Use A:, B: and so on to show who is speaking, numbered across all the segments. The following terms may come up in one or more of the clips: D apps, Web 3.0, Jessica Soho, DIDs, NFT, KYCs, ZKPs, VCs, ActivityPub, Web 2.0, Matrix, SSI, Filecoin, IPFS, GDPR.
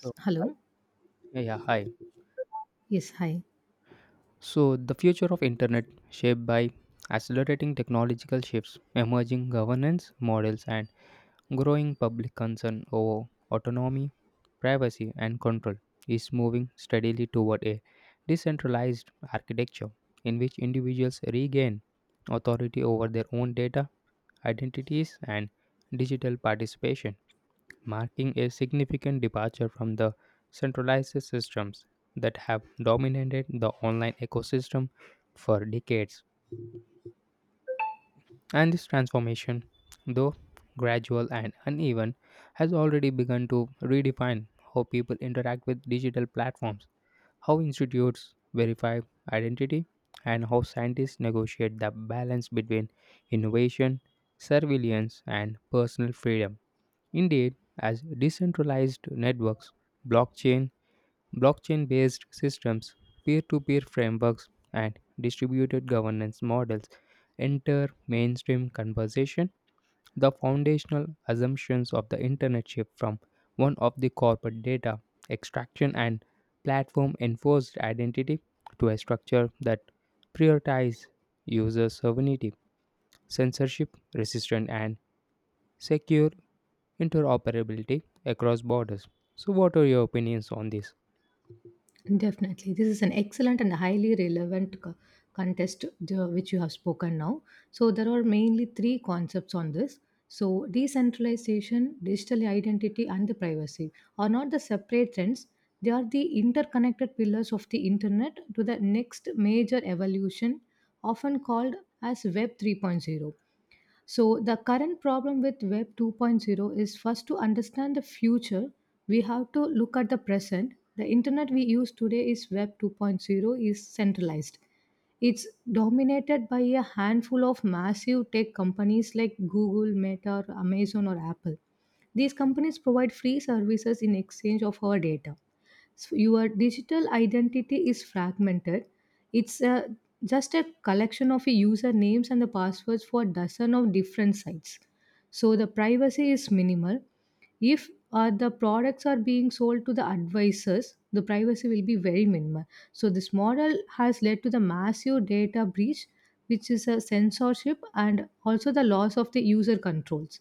A: So, hi.
B: Hello.
A: Yeah, yeah, hi.
B: Yes. Hi.
A: So, the future of internet shaped by accelerating technological shifts, emerging governance models, and growing public concern over autonomy, privacy, and control is moving steadily toward a decentralized architecture in which individuals regain authority over their own data, identities, and digital participation, marking a significant departure from the centralized systems that have dominated the online ecosystem for decades. And this transformation, though gradual and uneven, has already begun to redefine how people interact with digital platforms, how institutes verify identity, and how scientists negotiate the balance between innovation, surveillance, and personal freedom. Indeed, as decentralized networks, blockchain, blockchain based systems, peer to peer frameworks, and distributed governance models enter mainstream conversation, the foundational assumptions of the internet shift from one of the corporate data extraction and platform enforced identity to a structure that prioritizes user sovereignty, censorship resistant, and secure interoperability across borders. So, what are your opinions on this?
B: Definitely. This is an excellent and highly relevant contest which you have spoken now. So there are mainly three concepts on this. So, Decentralization, digital identity, and the privacy are not the separate trends. They are the interconnected pillars of the internet to the next major evolution, often called as Web 3.0. So the current problem with Web 2.0, is first to understand the future, we have to look at the present. The internet we use today is Web 2.0 is centralized. It's dominated by a handful of massive tech companies like Google, Meta, or Amazon, or Apple. These companies provide free services in exchange of our data. So your digital identity is fragmented. It's a, just a collection of your usernames and the passwords for dozen of different sites. So the privacy is minimal. If the products are being sold to the advisors, the privacy will be very minimal. So this model has led to the massive data breach, which is a censorship and also the loss of the user controls.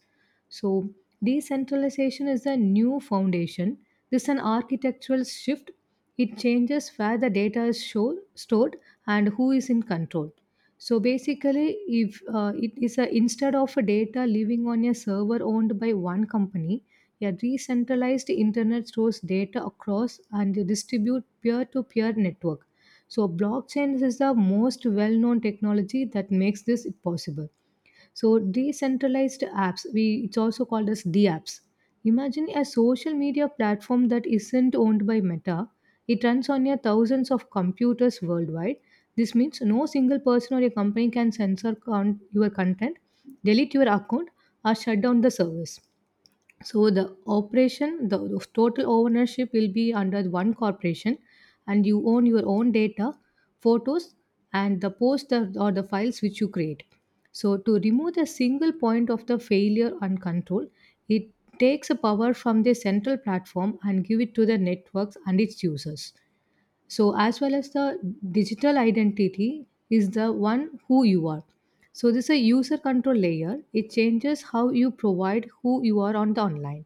B: So decentralization is a new foundation. This is an architectural shift. It changes where the data is stored and who is in control. So basically, if it is a instead of a data living on a server owned by one company, yeah, decentralized internet stores data across and distribute peer-to-peer network. So blockchain is the most well-known technology that makes this possible. So decentralized apps, we it's also called as D apps. Imagine a social media platform that isn't owned by Meta. It runs on your thousands of computers worldwide. This means no single person or a company can censor your content, delete your account, or shut down the service. So the operation, the total ownership will be under one corporation, and you own your own data, photos, and the posts, or the files which you create. So to remove the single point of the failure and control, it takes the power from the central platform and give it to the networks and its users. So as well as the digital identity is the one who you are. So this is a user control layer. It changes how you provide who you are on the online.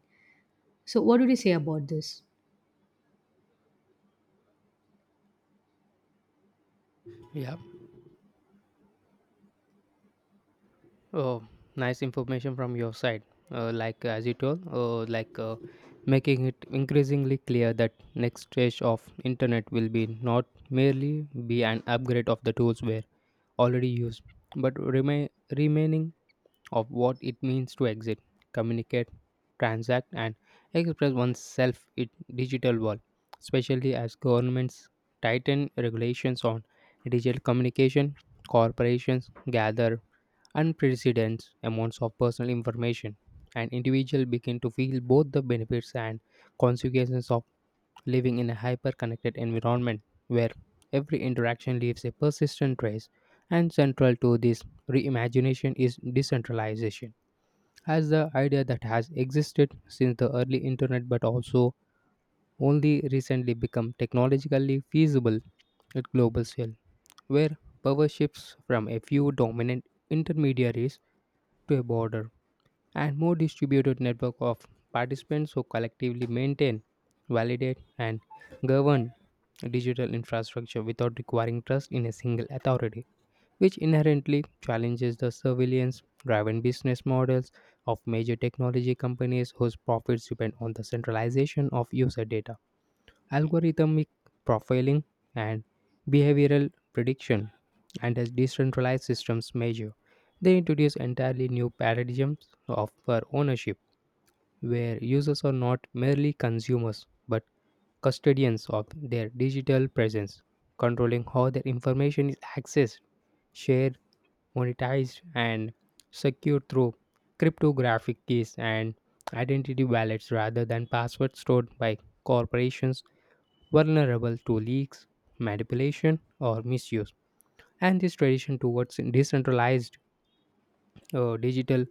B: So what would you say about this?
A: Yeah. Oh, nice information from your side. Like as you told, like making it increasingly clear that next stage of internet will be not merely be an upgrade of the tools we're already used, but remaining of what it means to exist, communicate, transact, and express oneself in digital world, especially as governments tighten regulations on digital communication. Corporations gather unprecedented amounts of personal information, and individuals begin to feel both the benefits and consequences of living in a hyper-connected environment where every interaction leaves a persistent trace, and central to this reimagination is decentralization as the idea that has existed since the early internet but also only recently become technologically feasible at global scale, where power shifts from a few dominant intermediaries to a broader and more distributed network of participants who collectively maintain, validate, and govern digital infrastructure without requiring trust in a single authority, which inherently challenges the surveillance driven business models of major technology companies whose profits depend on the centralization of user data, algorithmic profiling, and behavioral prediction. And as decentralized systems measure, they introduce entirely new paradigms of for ownership, where users are not merely consumers but custodians of their digital presence, controlling how their information is accessed, shared, monetized, and secured through cryptographic keys and identity wallets rather than passwords stored by corporations vulnerable to leaks, manipulation, or misuse. And this tradition towards decentralized digital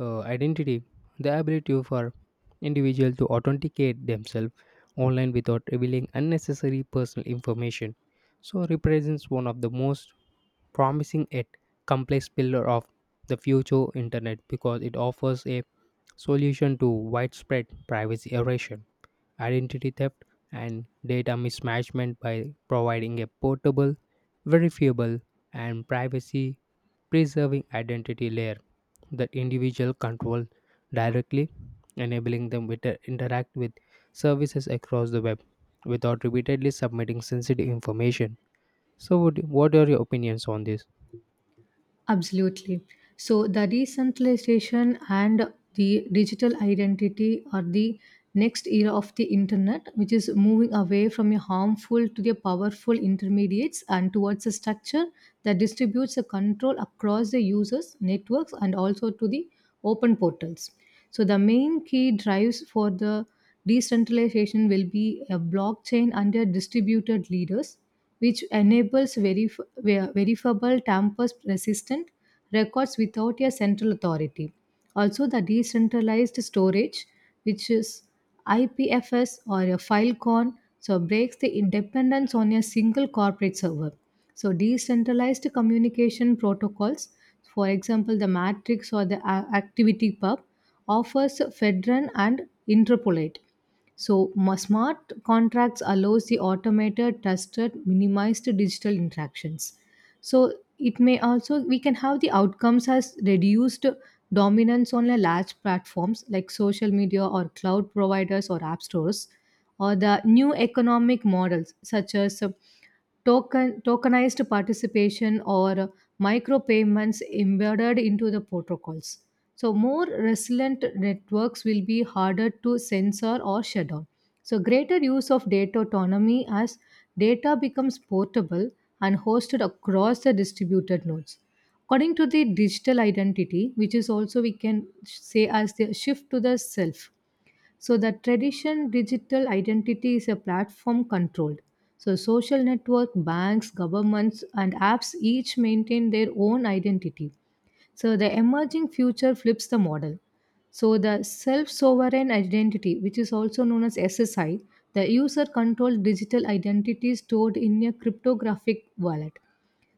A: identity, the ability for individual to authenticate themselves online without revealing unnecessary personal information so represents one of the most promising yet complex pillar of the future internet because it offers a solution to widespread privacy erosion, identity theft, and data mismanagement by providing a portable, verifiable, and privacy preserving identity layer that individual control directly, enabling them to interact with services across the web without repeatedly submitting sensitive information. So, what are your opinions on this?
B: Absolutely. So the decentralization and the digital identity are the next era of the internet, which is moving away from a harmful to the powerful intermediates and towards a structure that distributes the control across the users, networks, and also to the open portals. So the main key drives for the decentralization will be a blockchain under distributed leaders, which enables verifiable, tamper-resistant records without a central authority. Also, the decentralized storage, which is IPFS or a Filecoin, so breaks the independence on a single corporate server. So decentralized communication protocols, for example, the Matrix or the ActivityPub, offers Fedron and Interpolate. So smart contracts allows the automated, trusted, minimized digital interactions. So it may also we can have the outcomes as reduced dominance on the large platforms like social media or cloud providers or app stores, or the new economic models such as tokenized participation or micropayments embedded into the protocols. So more resilient networks will be harder to censor or shut down. So greater use of data autonomy as data becomes portable and hosted across the distributed nodes. According to the digital identity, which is also we can say as the shift to the self, so the tradition digital identity is a platform controlled. So social network, banks, governments, and apps each maintain their own identity. So the emerging future flips the model. So the self-sovereign identity, which is also known as SSI, the user-controlled digital identity stored in a cryptographic wallet.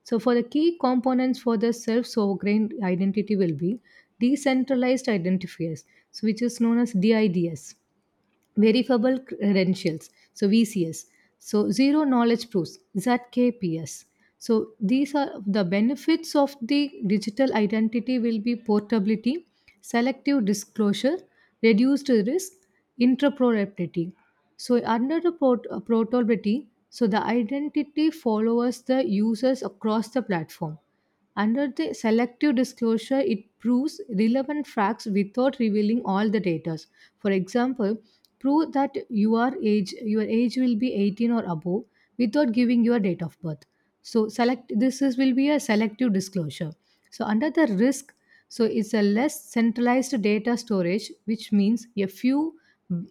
B: So for the key components for the self-sovereign identity will be decentralized identifiers, so which is known as DIDs, verifiable credentials so VCs, so zero knowledge proofs ZKPs. So these are the benefits of the digital identity will be portability, selective disclosure, reduced risk, interoperability. So under the portability, so the identity follows the users across the platform. Under the selective disclosure, it proves relevant facts without revealing all the data. For example, prove that your age will be 18 or above without giving your date of birth. So select this is will be a selective disclosure. So under the risk, so it's a less centralized data storage, which means a few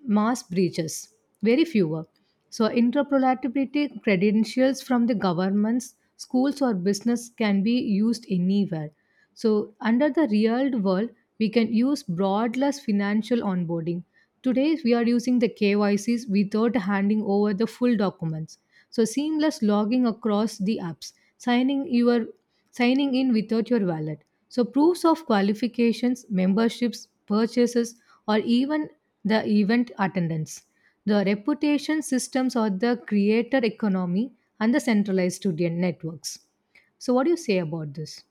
B: mass breaches, very fewer. So interoperability credentials from the governments, schools, or business can be used anywhere. So under the real world, we can use broadless financial onboarding. Today, we are using the KYCs without handing over the full documents. So seamless logging across the apps, signing your signing in without your wallet. So proofs of qualifications, memberships, purchases, or even the event attendance. The reputation systems are the creator economy and the centralized student networks. So what do you say about this?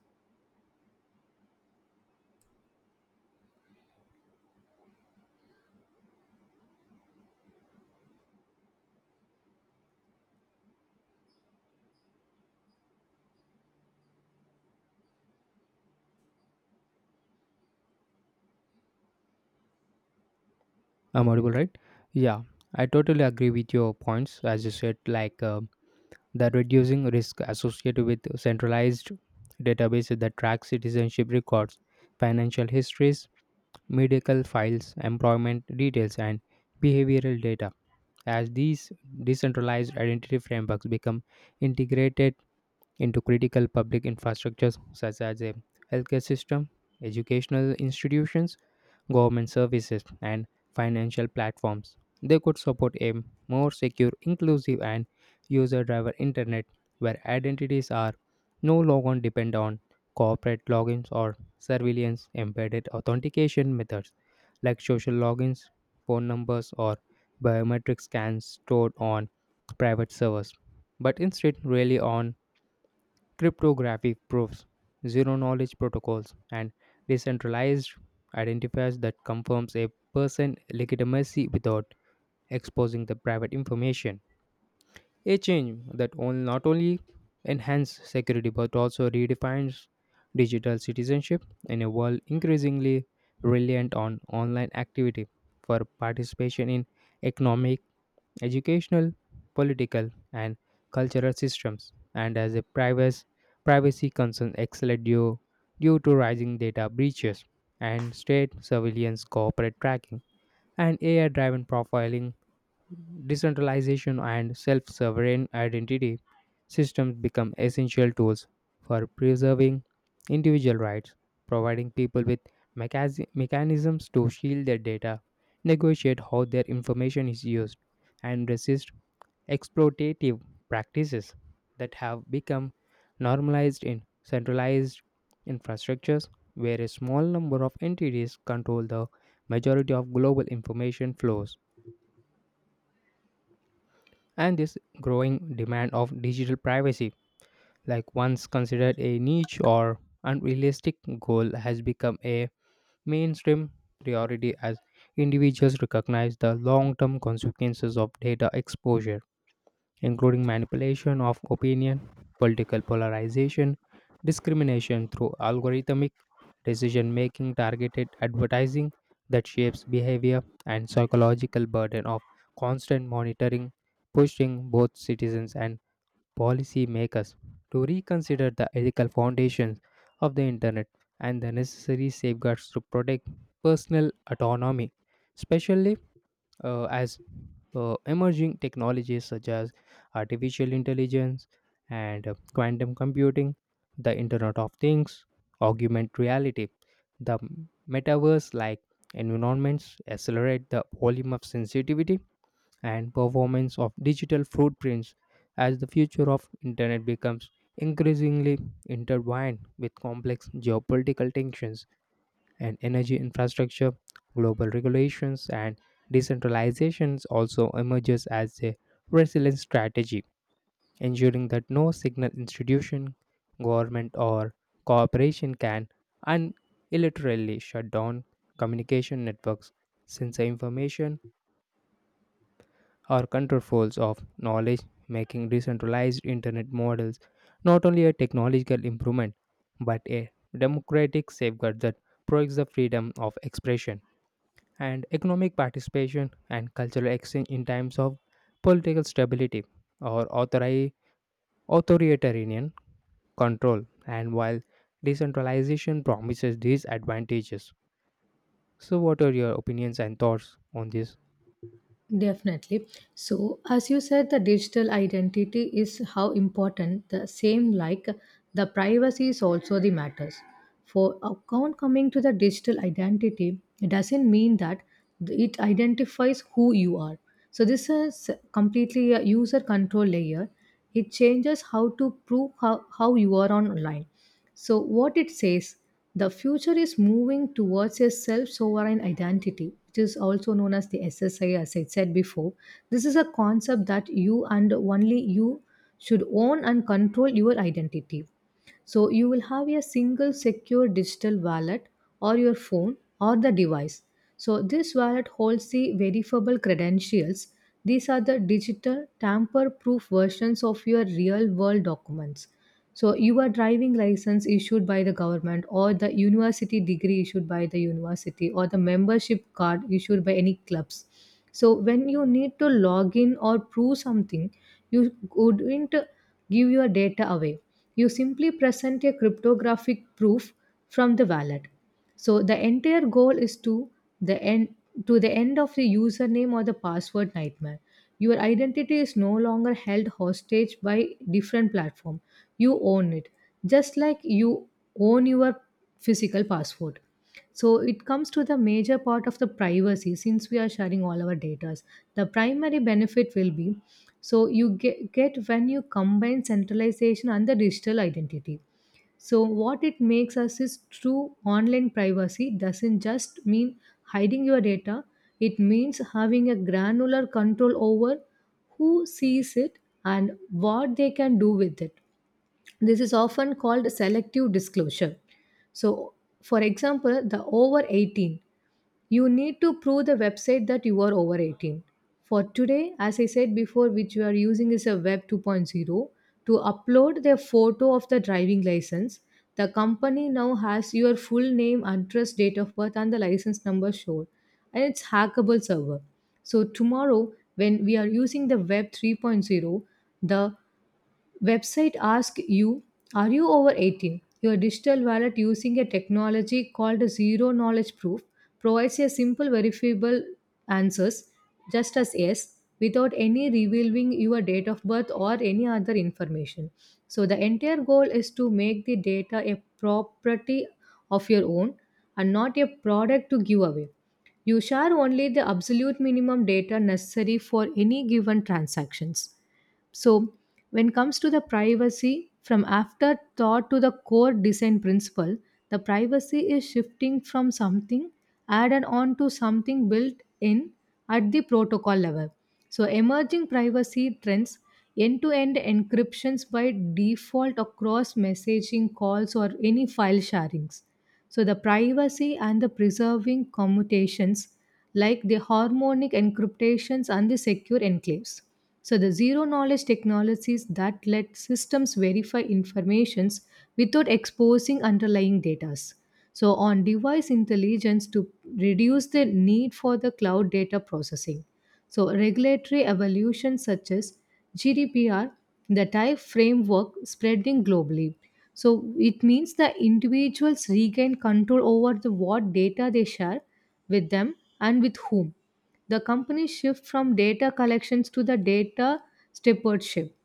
A: I'm audible, right? Yeah, I totally agree with your points. As you said, the reducing risk associated with centralized databases that track citizenship records, financial histories, medical files, employment details, and behavioral data. As these decentralized identity frameworks become integrated into critical public infrastructures such as a healthcare system, educational institutions, government services, and financial platforms, they could support a more secure, inclusive, and user driven internet where identities are no longer depend on corporate logins or surveillance embedded authentication methods like social logins, phone numbers, or biometric scans stored on private servers, but instead rely on cryptographic proofs, zero knowledge protocols, and decentralized identifiers that confirms a person's legitimacy without exposing the private information. A change that not only enhances security but also redefines digital citizenship in a world increasingly reliant on online activity for participation in economic, educational, political, and cultural systems, and as a privacy concern due to rising data breaches and state surveillance, corporate tracking, and AI driven profiling, decentralization, and self sovereign identity systems become essential tools for preserving individual rights, providing people with mechanisms to shield their data, negotiate how their information is used, and resist exploitative practices that have become normalized in centralized infrastructures where a small number of entities control the majority of global information flows. And this growing demand of digital privacy, like once considered a niche or unrealistic goal, has become a mainstream priority as individuals recognize the long term consequences of data exposure, including manipulation of opinion, political polarization, discrimination through algorithmic decision making, targeted advertising that shapes behavior, and psychological burden of constant monitoring, pushing both citizens and policymakers to reconsider the ethical foundations of the internet and the necessary safeguards to protect personal autonomy, especially as emerging technologies such as artificial intelligence and quantum computing, the Internet of Things, augmented reality, the metaverse like environments accelerate the volume of sensitivity and performance of digital footprints as the future of internet becomes increasingly intertwined with complex geopolitical tensions and energy infrastructure, global regulations and decentralizations also emerges as a resilient strategy ensuring that no signal institution, government, or corporation can unilaterally shut down communication networks since the information are counterfoils of knowledge, making decentralized internet models not only a technological improvement but a democratic safeguard that protects the freedom of expression and economic participation and cultural exchange in times of political stability or authoritarian control. And while decentralization promises these advantages, so what are your opinions and thoughts on this?
B: Definitely. So as you said, the digital identity is how important the same like the privacy is also the matters. For account coming to the digital identity, it doesn't mean that it identifies who you are. So this is completely a user control layer. It changes how to prove how you are on online. So what it says, the future is moving towards a self sovereign identity, which is also known as the SSI, as I said before. This is a concept that you and only you should own and control your identity. So you will have a single secure digital wallet or your phone or the device. So this wallet holds the verifiable credentials. These are the digital tamper proof versions of your real world documents. So your driving license issued by the government or the university degree issued by the university or the membership card issued by any clubs. So when you need to log in or prove something, you wouldn't give your data away. You simply present a cryptographic proof from the wallet. So the entire goal is the end to the end of the username or the password nightmare. Your identity is no longer held hostage by different platform. You own it, just like you own your physical password. So it comes to the major part of the privacy since we are sharing all our data. The primary benefit will be so you get when you combine centralization and the digital identity. So what it makes us is true online privacy doesn't just mean hiding your data. It means having a granular control over who sees it and what they can do with it. This is often called selective disclosure. So for example, the over 18, you need to prove the website that you are over 18. For today, as I said before, which you are using is a Web 2.0, to upload their photo of the driving license, the company now has your full name, address, date of birth, and the license number shown, and it's hackable server. So tomorrow, when we are using the Web 3.0, the website ask you, are you over 18? Your digital wallet, using a technology called zero knowledge proof, provides a simple verifiable answers, just as yes, without any revealing your date of birth or any other information. So the entire goal is to make the data a property of your own and not a product to give away. You share only the absolute minimum data necessary for any given transactions. So when comes to the privacy from afterthought to the core design principle, the privacy is shifting from something added on to something built in at the protocol level. So emerging privacy trends, end to end encryptions by default across messaging calls or any file sharings. So the privacy and the preserving commutations like the harmonic encryptations and the secure enclaves. So the zero knowledge technologies that let systems verify informations without exposing underlying data. So on device intelligence to reduce the need for the cloud data processing. So regulatory evolution such as GDPR, the type framework spreading globally. So it means that individuals regain control over the what data they share with them and with whom. The companies shift from data collections to the data stewardship.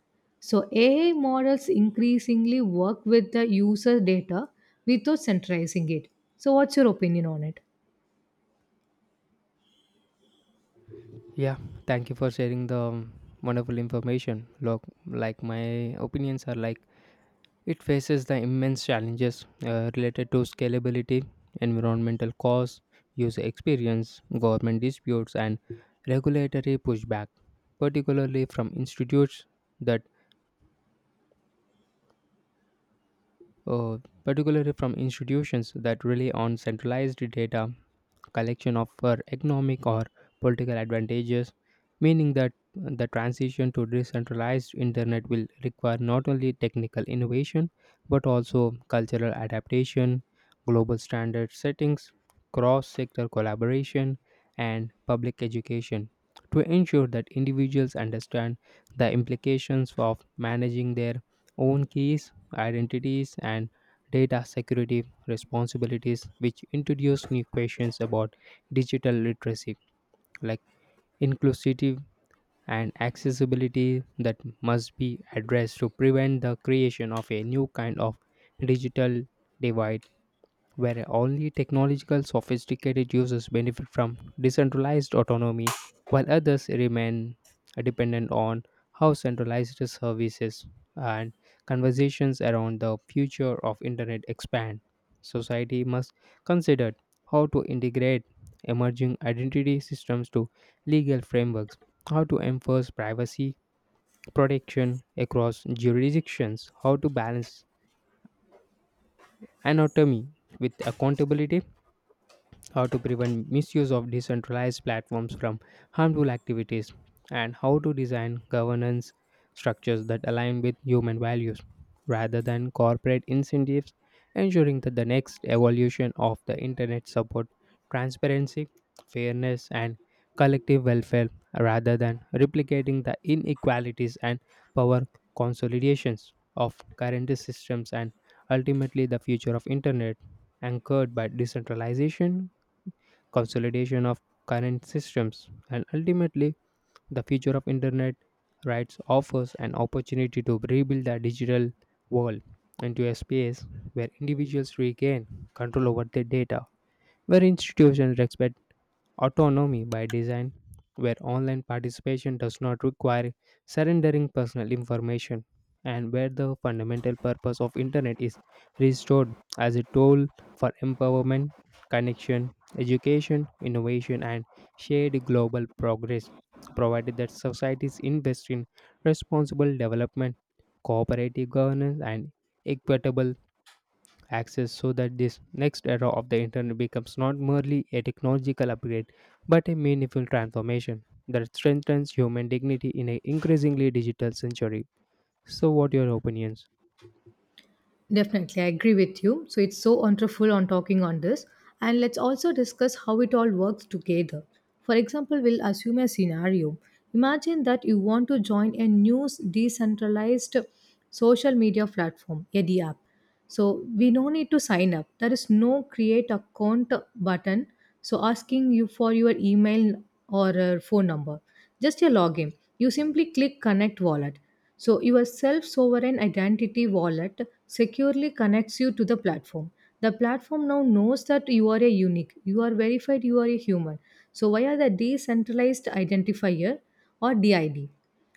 B: So AI models increasingly work with the user data without centralizing it. So what's your opinion on it?
A: Yeah, thank you for sharing the wonderful information. Look, like my opinions are like it faces the immense challenges related to scalability, environmental costs, user experience, government disputes, and regulatory pushback, particularly from institutes that uh, particularly from institutions that rely on centralized data collection of for economic or political advantages, meaning that the transition to decentralized internet will require not only technical innovation but also cultural adaptation, global standard settings, cross-sector collaboration, and public education to ensure that individuals understand the implications of managing their own keys, identities, and data security responsibilities, which introduce new questions about digital literacy, like inclusivity and accessibility, that must be addressed to prevent the creation of a new kind of digital divide where only technological sophisticated users benefit from decentralized autonomy, while others remain dependent on how centralized services and conversations around the future of internet expand. Society must consider how to integrate emerging identity systems to legal frameworks, how to enforce privacy protection across jurisdictions, how to balance anatomy with accountability, how to prevent misuse of decentralized platforms from harmful activities, and how to design governance structures that align with human values rather than corporate incentives, ensuring that the next evolution of the internet support transparency, fairness, and collective welfare rather than replicating the inequalities and power consolidations of current systems and ultimately the future of internet anchored by decentralization, consolidation of current systems, and ultimately the future of internet rights offers an opportunity to rebuild the digital world into a space where individuals regain control over their data, where institutions respect autonomy by design, where online participation does not require surrendering personal information, and where the fundamental purpose of internet is restored as a tool for empowerment, connection, education, innovation, and shared global progress, provided that societies invest in responsible development, cooperative governance, and equitable access so that this next era of the internet becomes not merely a technological upgrade but a meaningful transformation that strengthens human dignity in an increasingly digital century. So, what your opinions?
B: Definitely, I agree with you. So it's so wonderful on talking on this. And let's also discuss how it all works together. For example, we'll assume a scenario. Imagine that you want to join a new decentralized social media platform, a D app. So we no need to sign up. There is no create account button so asking you for your email or phone number, just your login. You simply click connect wallet, so your self sovereign identity wallet securely connects you to the platform. The platform now knows that you are a unique, you are verified, you are a human, so via the decentralized identifier or did,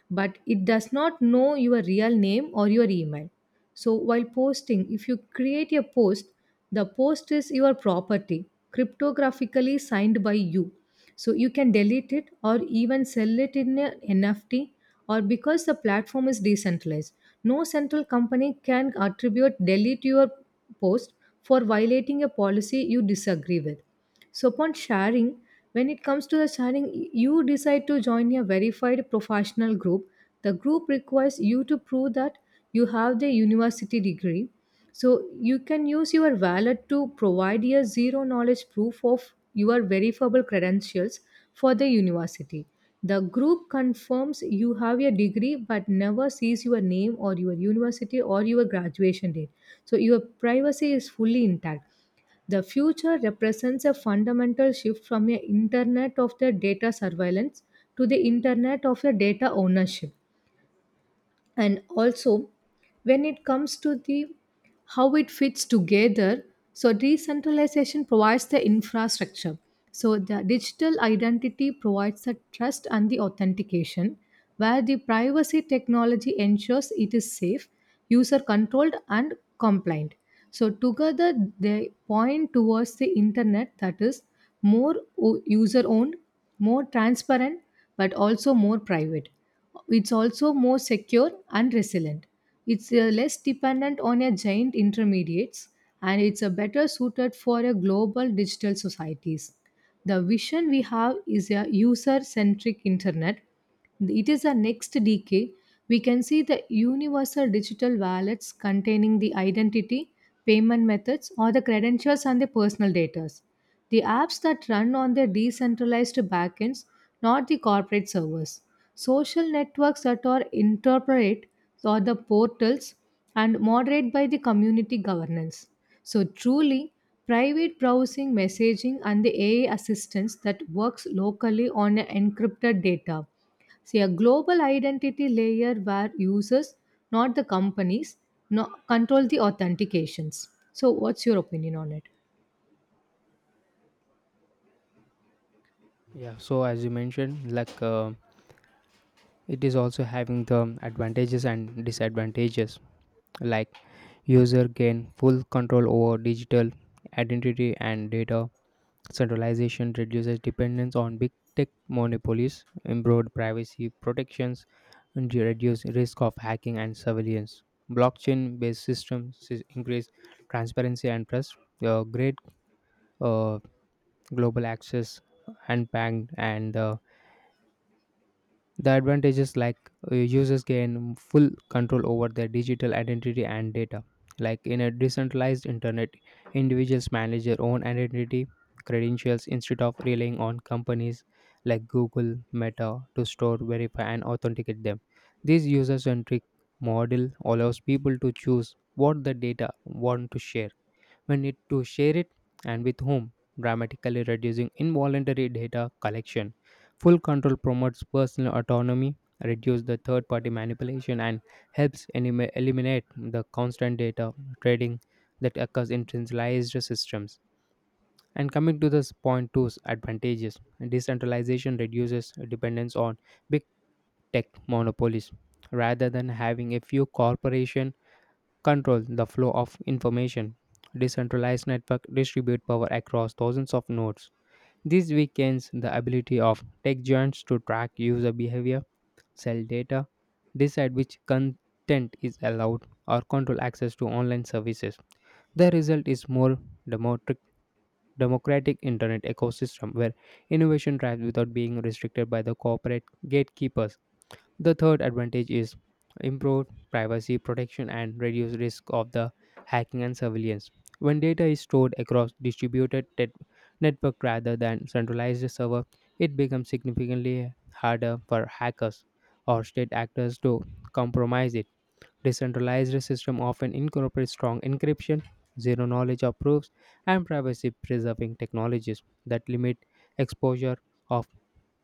B: but it does not know your real name or your email. So while posting, if you create a post, the post is your property, cryptographically signed by you. So you can delete it or even sell it in a NFT, or because the platform is decentralized, no central company can attribute delete your post for violating a policy you disagree with. So upon sharing, when it comes to the sharing, you decide to join a verified professional group. The group requires you to prove that you have the university degree. So you can use your wallet to provide a zero knowledge proof of your verifiable credentials for the university. The group confirms you have a degree but never sees your name or your university or your graduation date. So your privacy is fully intact. The future represents a fundamental shift from a internet of the data surveillance to the internet of the data ownership. And also, when it comes to the how it fits together, so decentralization provides the infrastructure. So the digital identity provides the trust and the authentication, where the privacy technology ensures it is safe, user controlled and compliant. So together they point towards the internet that is more user owned, more transparent, but also more private. It's also more secure and resilient. It's less dependent on a giant intermediates and it's a better suited for a global digital societies. The vision we have is a user centric internet. It is the next decade. We can see the universal digital wallets containing the identity, payment methods, or the credentials and the personal data. The apps that run on their decentralized backends, not the corporate servers. Social networks that are interpret or the portals and moderate by the community governance. So truly, private browsing, messaging, and the AI assistance that works locally on encrypted data. See, a global identity layer where users, not the companies, no, control the authentications. So, what's your opinion on it?
A: Yeah, so as you mentioned, it is also having the advantages and disadvantages. Like user gain full control over digital identity and data, centralization reduces dependence on big tech monopolies, improved privacy protections, and to reduce risk of hacking and surveillance. Blockchain-based systems increase transparency and trust. Great uh, global access, unbanked, and the advantages like users gain full control over their digital identity and data. Like in a decentralized internet, individuals manage their own identity credentials instead of relying on companies like Google, Meta to store, verify, and authenticate them. This user centric model allows people to choose what the data want to share, we need to share it, and with whom, dramatically reducing involuntary data collection. Full control promotes personal autonomy, reduces the third party manipulation, and helps eliminate the constant data trading that occurs in centralized systems. And coming to this point two's advantages, decentralization reduces dependence on big tech monopolies rather than having a few corporations control the flow of information. Decentralized network distribute power across thousands of nodes. This weakens the ability of tech giants to track user behavior, sell data, decide which content is allowed, or control access to online services. The result is more democratic democratic internet ecosystem where innovation thrives without being restricted by the corporate gatekeepers. The third advantage is improved privacy protection and reduced risk of the hacking and surveillance. When data is stored across distributed network rather than centralized server, it becomes significantly harder for hackers or state actors to compromise it. Decentralized system often incorporate strong encryption, zero knowledge of proofs, and privacy preserving technologies that limit exposure of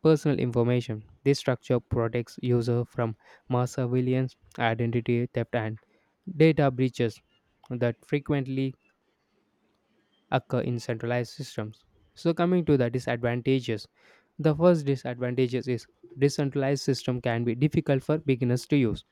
A: personal information. This structure protects users from mass surveillance, identity theft, and data breaches that frequently occur in centralized systems. So, coming to the disadvantages, the first disadvantages is decentralized system can be difficult for beginners to use.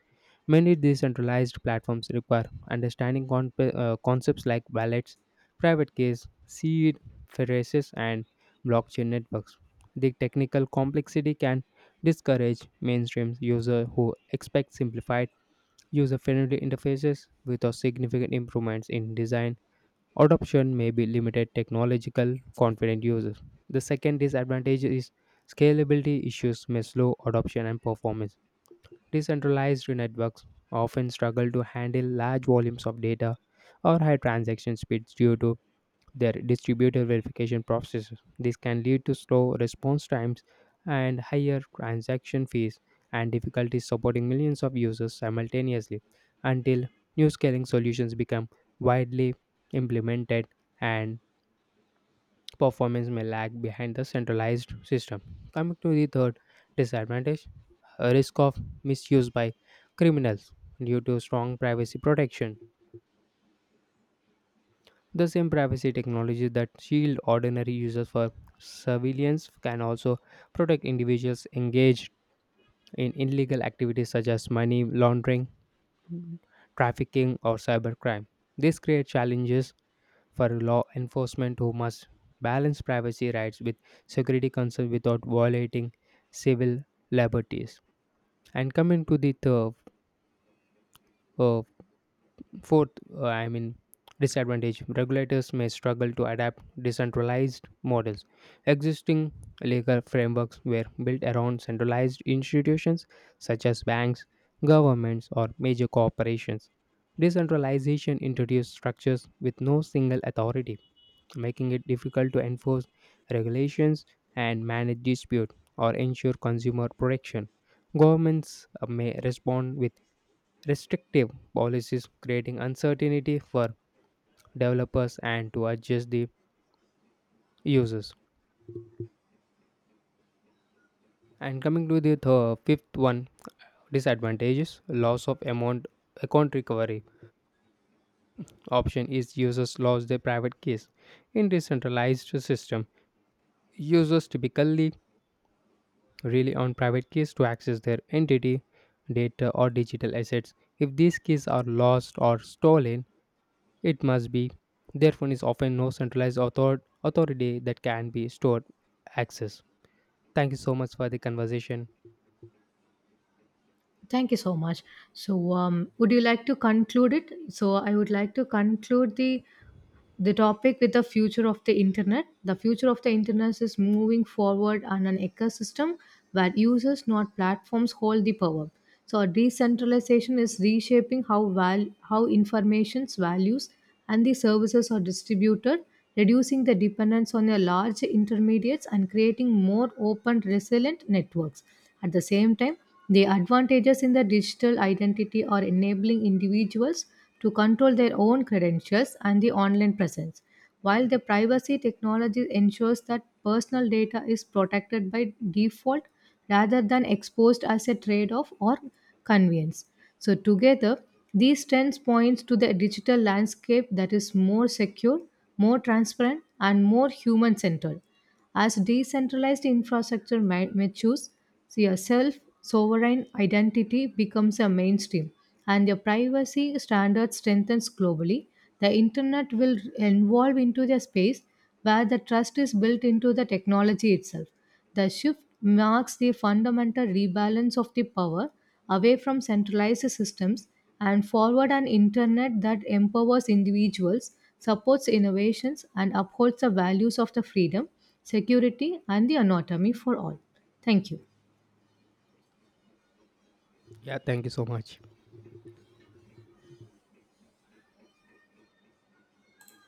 A: Many decentralized platforms require understanding concepts like wallets, private keys, seed phrases, and blockchain networks. The technical complexity can discourage mainstream users who expect simplified user-friendly interfaces without significant improvements in design. Adoption may be limited technological confident users. The second disadvantage is scalability issues may slow adoption and performance. Decentralized networks often struggle to handle large volumes of data or high transaction speeds due to their distributor verification process. This can lead to slow response times and higher transaction fees and difficulties supporting millions of users simultaneously until new scaling solutions become widely implemented and performance may lag behind the centralized system. Coming to the third disadvantage, a risk of misuse by criminals due to strong privacy protection. The same privacy technologies that shield ordinary users from surveillance can also protect individuals engaged in illegal activities such as money laundering, trafficking, or cybercrime. This creates challenges for law enforcement who must balance privacy rights with security concerns without violating civil liberties. And coming to the third uh, fourth, uh, I mean, disadvantage, regulators may struggle to adapt decentralized models. Existing legal frameworks were built around centralized institutions such as banks, governments, or major corporations. Decentralization introduced structures with no single authority, making it difficult to enforce regulations and manage dispute or ensure consumer protection. Governments may respond with restrictive policies, creating uncertainty for developers and to adjust the users. And coming to the fifth one, disadvantages loss of amount account recovery option is users lose their private keys in decentralized system, users typically rely on private keys to access their entity data or digital assets. If these keys are lost or stolen, it must be. There is often no centralized authority that can be stored access. Thank you so much for the conversation.
B: Thank you so much. So, would you like to conclude it? So, I would like to conclude the topic with the future of the internet. The future of the internet is moving forward on an ecosystem where users, not platforms, hold the power. So decentralization is reshaping how how information's values and the services are distributed, reducing the dependence on a large intermediates and creating more open resilient networks. At the same time, the advantages in the digital identity are enabling individuals to control their own credentials and the online presence, while the privacy technology ensures that personal data is protected by default rather than exposed as a trade off or convenience. So, together, these trends point to the digital landscape that is more secure, more transparent, and more human centered. As decentralized infrastructure matures, so your self sovereign identity becomes a mainstream and your privacy standards strengthens globally. The internet will evolve into the space where the trust is built into the technology itself. The shift marks the fundamental rebalance of the power away from centralized systems and forward an internet that empowers individuals, supports innovations, and upholds the values of the freedom, security, and the autonomy for all. Thank you.
A: Yeah, thank you so much.